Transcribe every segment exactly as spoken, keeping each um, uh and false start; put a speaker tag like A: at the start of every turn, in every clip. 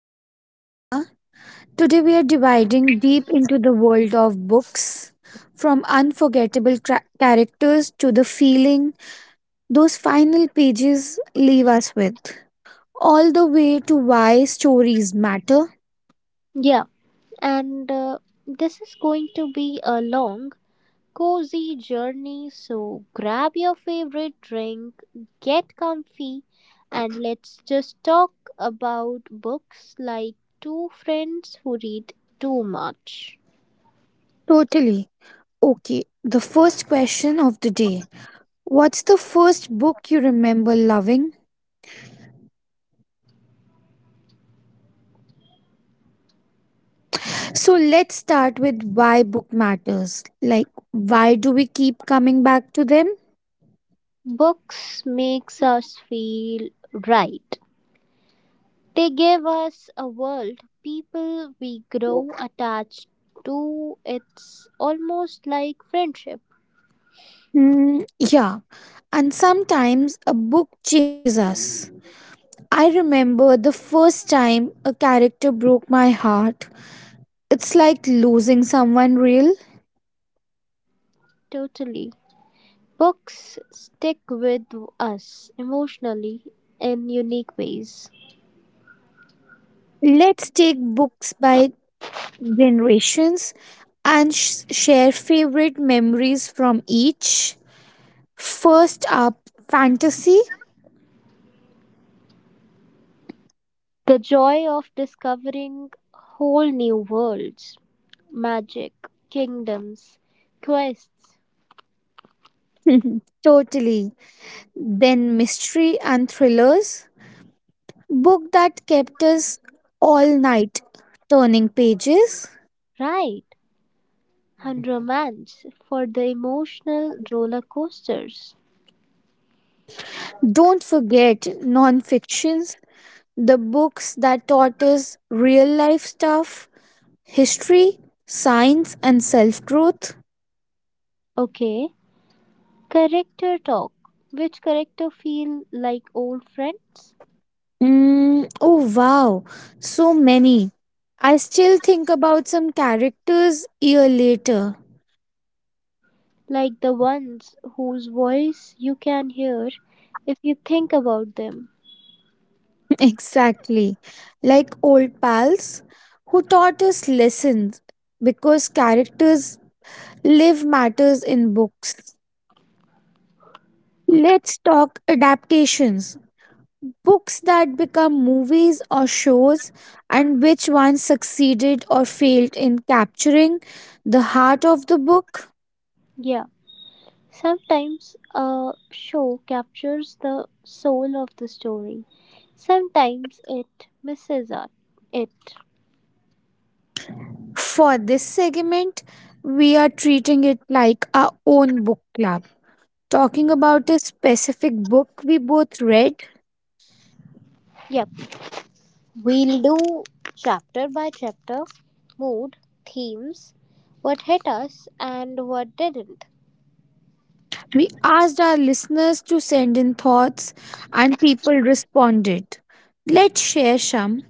A: And I'm Prerna. Today we are dividing deep into the world of books, from unforgettable tra- characters to the feeling those final pages leave us with, all the way to why stories matter.
B: Yeah, and uh, this is going to be a long, cozy journey. So grab your favorite drink, get comfy, and let's just talk about books like two friends who read too much.
A: Totally. Okay, the first question of the day: what's the first book you remember loving? So let's start with why book matters. Like, why do we keep coming back to them?
B: Books makes us feel right. They give us a world, people we grow attached to. It's almost like friendship.
A: Mm, yeah, and sometimes a book changes us. I remember the first time a character broke my heart. It's like losing someone real.
B: Totally. Books stick with us emotionally in unique ways.
A: Let's take books by generations and sh- share favorite memories from each. First up, fantasy.
B: The joy of discovering whole new worlds, magic, kingdoms, quests,
A: Totally. Then mystery and thrillers. Book that kept us all night turning pages.
B: right, and romance for the emotional roller coasters.
A: Don't forget non-fictions, the books that taught us real life stuff, history, science, and self growth.
B: Okay, character talk. Which character feel like old friends?
A: Mm, oh, wow, so many. I still think about some characters year later.
B: Like the ones whose voice you can hear if you think about them.
A: Exactly. Like old pals who taught us lessons because characters live matters in books. Let's talk adaptations — books that become movies or shows, and which ones succeeded or failed in capturing the heart of the book.
B: Yeah. Sometimes a show captures the soul of the story, sometimes it misses it. it.
A: For this segment, we are treating it like our own book club, talking about a specific book we both read.
B: Yep, we'll do chapter by chapter, mood, themes, what hit us and what didn't.
A: We asked our listeners to send in thoughts, and people responded. Let's share some.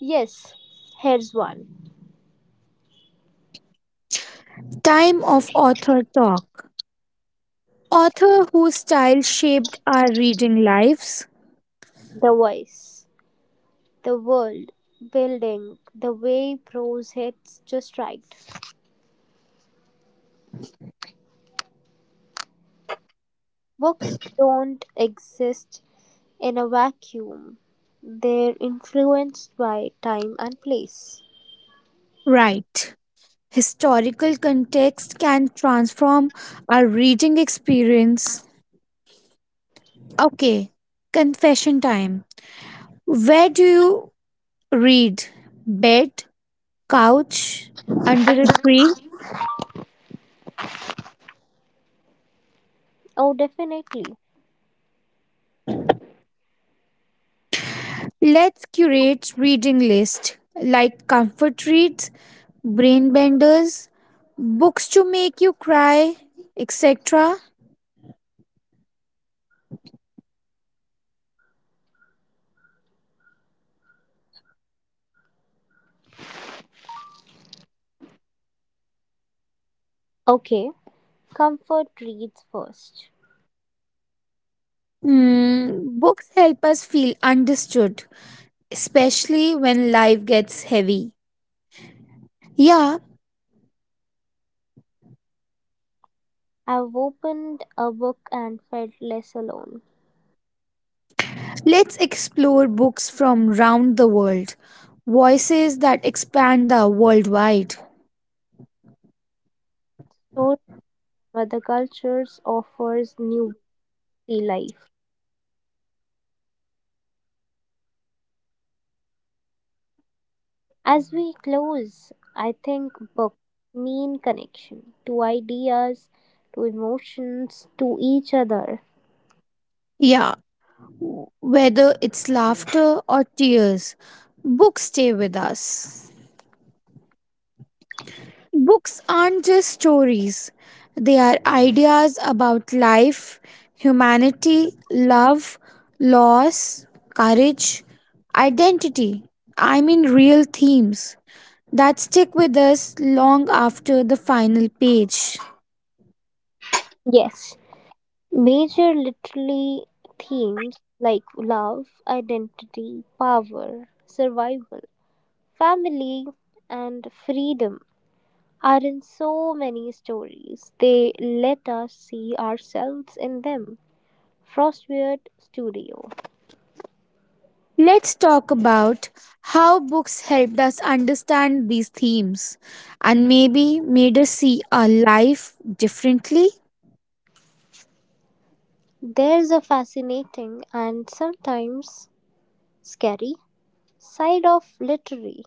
B: Yes, here's one.
A: Time of author talk. Author whose style shaped our reading lives.
B: The voice, the world, building, the way prose hits just right. Books don't exist in a vacuum, they're influenced by time and place.
A: Right. Historical context can transform our reading experience. Okay, confession time. Where do you read? Bed, couch, under a tree?
B: Oh, definitely.
A: Let's curate reading list like comfort reads, brain benders, books to make you cry, et cetera.
B: Okay, comfort reads first.
A: Hmm, books help us feel understood, especially when life gets heavy. Yeah.
B: I've opened a book and felt less alone.
A: Let's explore books from round the world, voices that expand the worldwide.
B: Stories from other cultures offers new see life. As we close, I think books mean connection to ideas, to emotions, to each other.
A: Yeah, whether it's laughter or tears, books stay with us. Books aren't just stories, they are ideas about life, humanity, love, loss, courage, identity. I mean, real themes that stick with us long after the final page.
B: Yes, major literary themes like love, identity, power, survival, family, and freedom are in so many stories. They let us see ourselves in them. Frostweird Studio.
A: Let's talk about how books helped us understand these themes and maybe made us see our life differently.
B: There's a fascinating and sometimes scary side of literary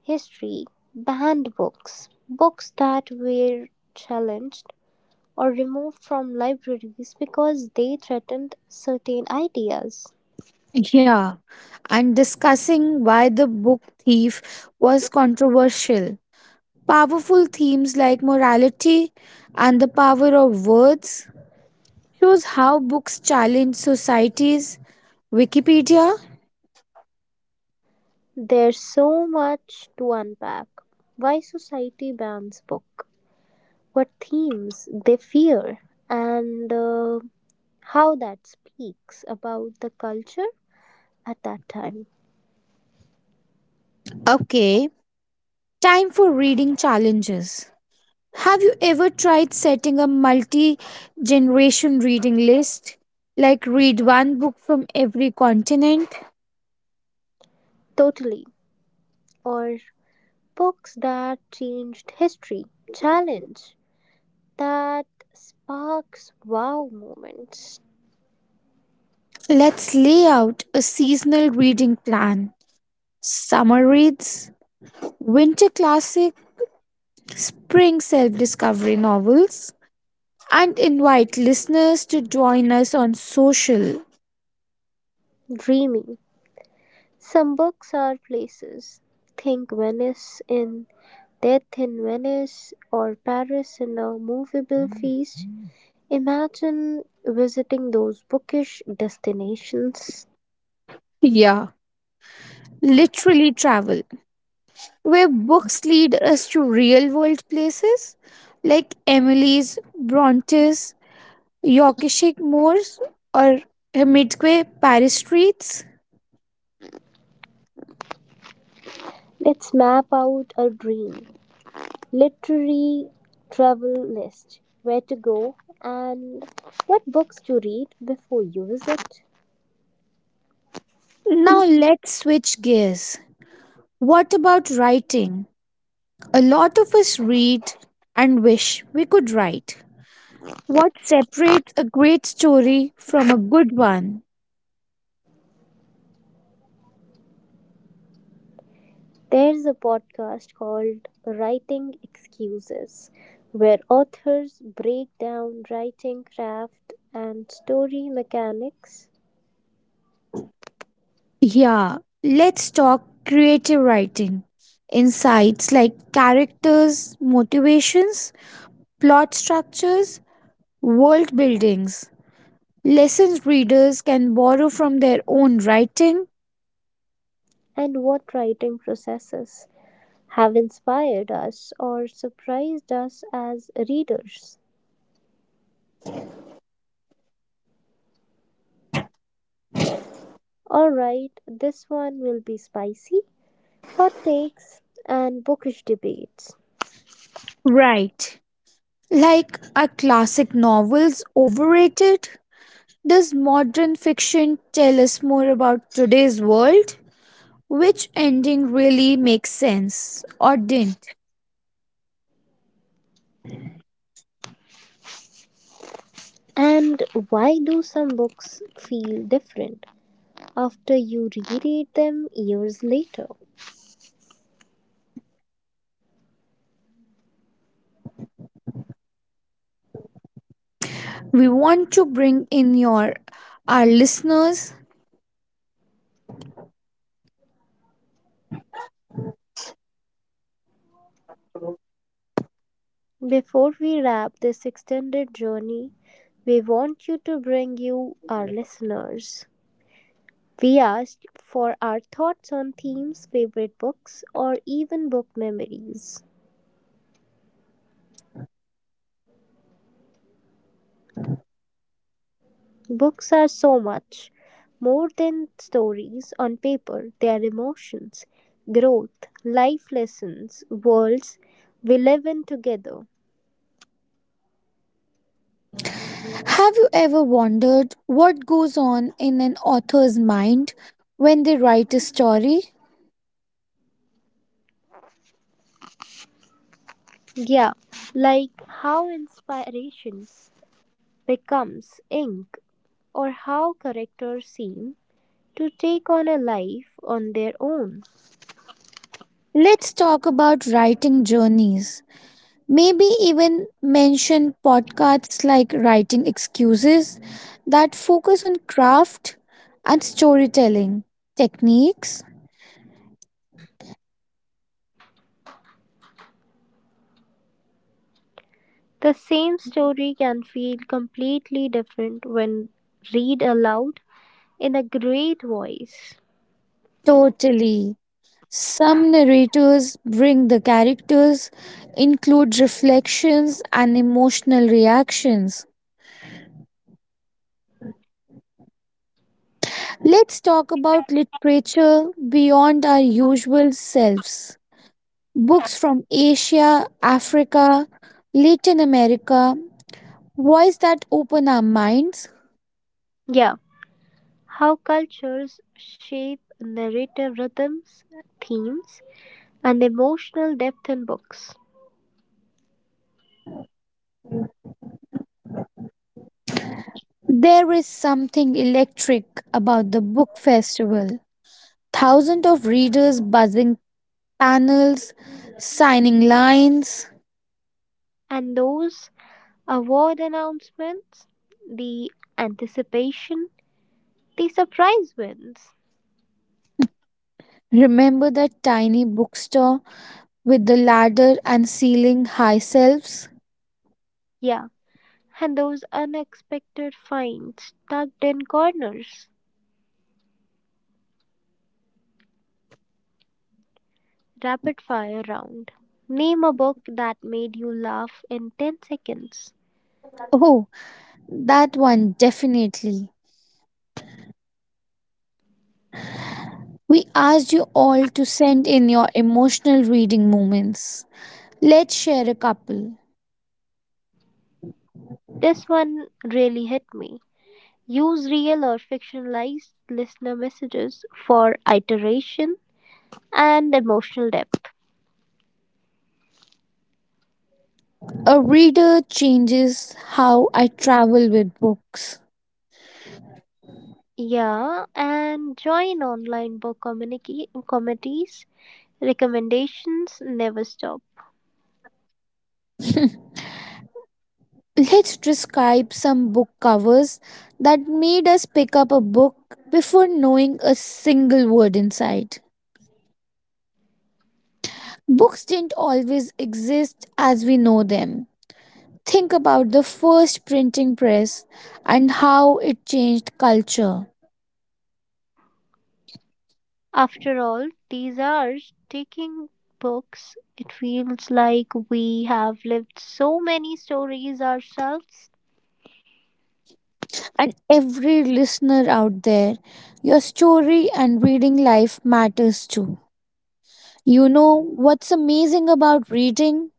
B: history, banned books, books that were challenged or removed from libraries because they threatened certain ideas.
A: Yeah, and discussing why The Book Thief was controversial. Powerful themes like morality and the power of words shows how books challenge societies. Wikipedia.
B: There's so much to unpack. Why society bans book, what themes they fear, and uh, how that speaks about the culture at that time.
A: Okay, time for reading challenges. Have you ever tried setting a multi generation reading list? Like, read one book from every continent?
B: Totally. Or books that changed history, challenge that sparks wow moments,
A: Let's lay out a seasonal reading plan: summer reads, winter classic, spring self discovery novels, and invite listeners to join us on social.
B: dreamy. Some books are places. Think Venice in Death in Venice or Paris in A Movable Feast. Imagine visiting those bookish destinations.
A: Yeah, literally travel, where books lead us to real world places like Emily's, Bronte's, Yorkshire Moors, or Midway Paris streets.
B: Let's map out a dream literary travel list, where to go and what books to read before you visit.
A: Now let's switch gears. What about writing? A lot of us read and wish we could write. What separates a great story from a good one?
B: There's a podcast called Writing Excuses where authors break down writing craft and story mechanics,
A: Yeah, let's talk creative writing. Insights like characters, motivations, plot structures, world buildings. Lessons readers can borrow from their own writing.
B: and what writing processes have inspired us or surprised us as readers. Alright, this one will be spicy, hot takes, and bookish debates.
A: Right. Like, are classic novels overrated? Does modern fiction tell us more about today's world? Which ending really makes sense or didn't?
B: And why do some books feel different after you reread them years later?
A: We want to bring in your our listeners.
B: Before we wrap this extended journey, we want you to bring you our listeners. We asked for our thoughts on themes, favorite books, or even book memories. Books are so much more than stories on paper, they are emotions, growth, life lessons, worlds we live in together.
A: Have you ever wondered what goes on in an author's mind when they write a story?
B: Yeah, like how inspiration becomes ink or how characters seem to take on a life on their own.
A: Let's talk about writing journeys. Maybe even mention podcasts like Writing Excuses that focus on craft and storytelling techniques.
B: The same story can feel completely different when read aloud in a great voice.
A: Totally. Some narrators bring the characters, include reflections and emotional reactions. Let's talk about literature beyond our usual selves. Books from Asia, Africa, Latin America, voices that open our minds.
B: Yeah, how cultures shape narrative rhythms, themes, and emotional depth in books.
A: There is something electric about the book festival. Thousands of readers buzzing panels, signing lines.
B: And those award announcements, the anticipation, the surprise wins.
A: Remember that tiny bookstore with the ladder and ceiling high shelves?
B: Yeah, and those unexpected finds tucked in corners. Rapid fire round. Name a book that made you laugh in ten seconds.
A: Oh, that one definitely. We asked you all to send in your emotional reading moments. Let's share a couple.
B: This one really hit me. Use real or fictionalized listener messages for iteration and emotional depth.
A: A reader changes how I travel with books.
B: Yeah, and join online book communica- committees. Recommendations never stop.
A: Let's describe some book covers that made us pick up a book before knowing a single word inside. Books didn't always exist as we know them. Think about the first printing press and how it changed culture.
B: After all, these are taking books. It feels like we have lived so many stories ourselves.
A: And every listener out there, your story and reading life matters too. You know what's amazing about reading?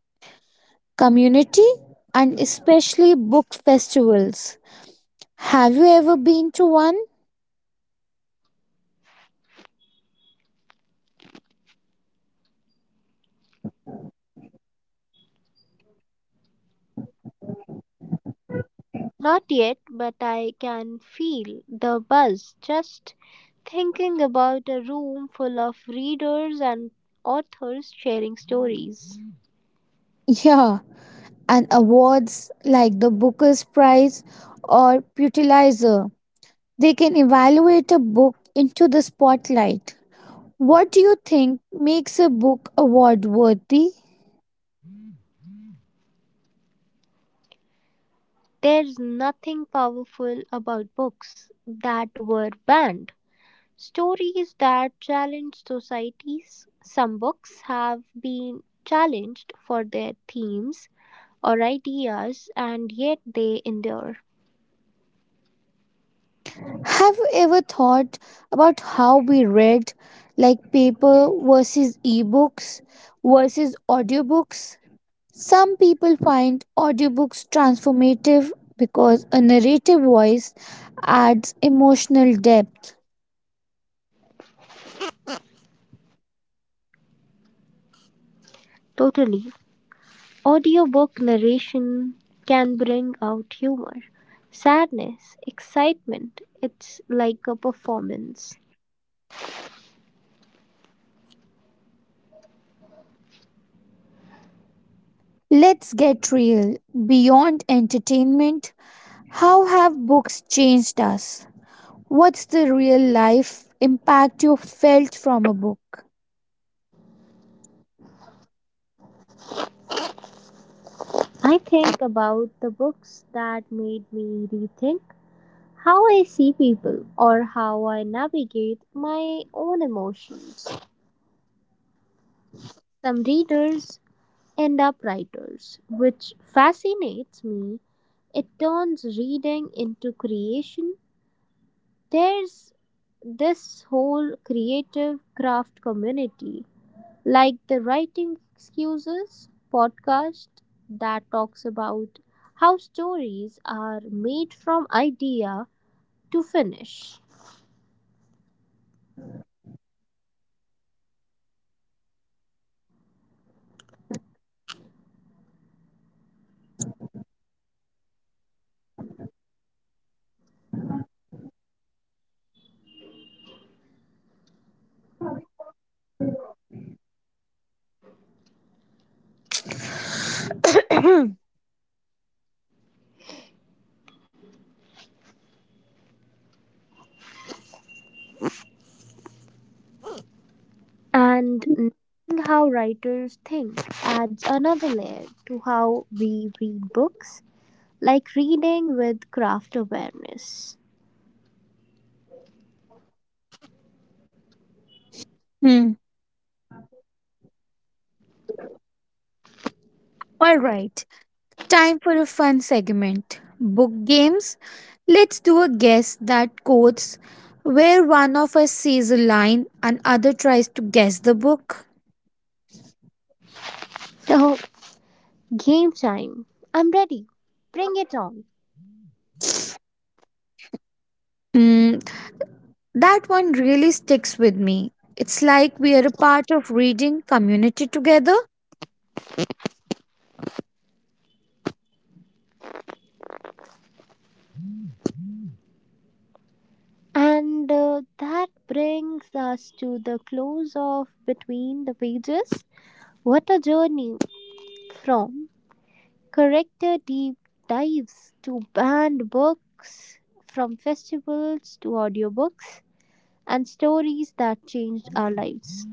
A: Community, and especially book festivals. Have you ever been to one?
B: Not yet, but I can feel the buzz just thinking about a room full of readers and authors sharing stories.
A: Yeah, and awards like the Booker's Prize or Pulitzer. They can evaluate a book into the spotlight. What do you think makes a book award worthy?
B: There's nothing powerful about books that were banned. Stories that challenge societies. Some books have been challenged for their themes or ideas, and yet they endure.
A: Have you ever thought about how we read, like paper versus ebooks versus audiobooks? Some people find audiobooks transformative because a narrative voice adds emotional depth.
B: Totally. Audiobook narration can bring out humor, sadness, excitement. It's like a performance.
A: Let's get real. Beyond entertainment, how have books changed us? What's the real life impact you felt from a book?
B: I think about the books that made me rethink how I see people or how I navigate my own emotions. Some readers end up writers, which fascinates me. It turns reading into creation. There's this whole creative craft community, like the Writing Excuses podcast that talks about how stories are made from idea to finish.
A: Hmm.
B: And knowing how writers think adds another layer to how we read books, like reading with craft awareness.
A: All right. Time for a fun segment. Book games. Let's do a guess that quotes where one of us sees a line and other tries to guess the book.
B: So, game time. I'm ready. Bring it on.
A: Hmm, that one really sticks with me. It's like we are a part of reading community together.
B: And uh, That brings us to the close of Between the Pages. What a journey, from character deep dives to banned books, from festivals to audiobooks, and stories that changed our lives.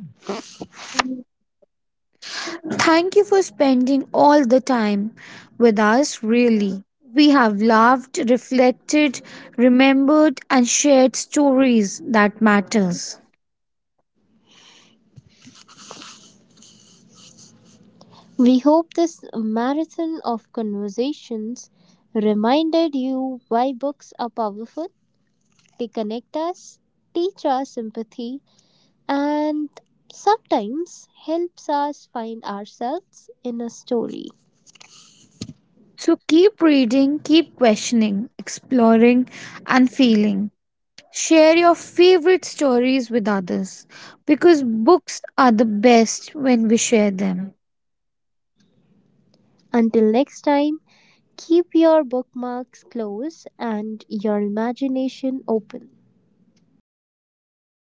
A: Thank you for spending all the time with us, really. We have laughed, reflected, remembered, and shared stories that matters.
B: We hope this marathon of conversations reminded you why books are powerful, they connect us, teach us empathy, and sometimes helps us find ourselves in a story.
A: So keep reading, keep questioning, exploring, and feeling. Share your favorite stories with others because books are the best when we share them.
B: Until next time, keep your bookmarks close and your imagination open.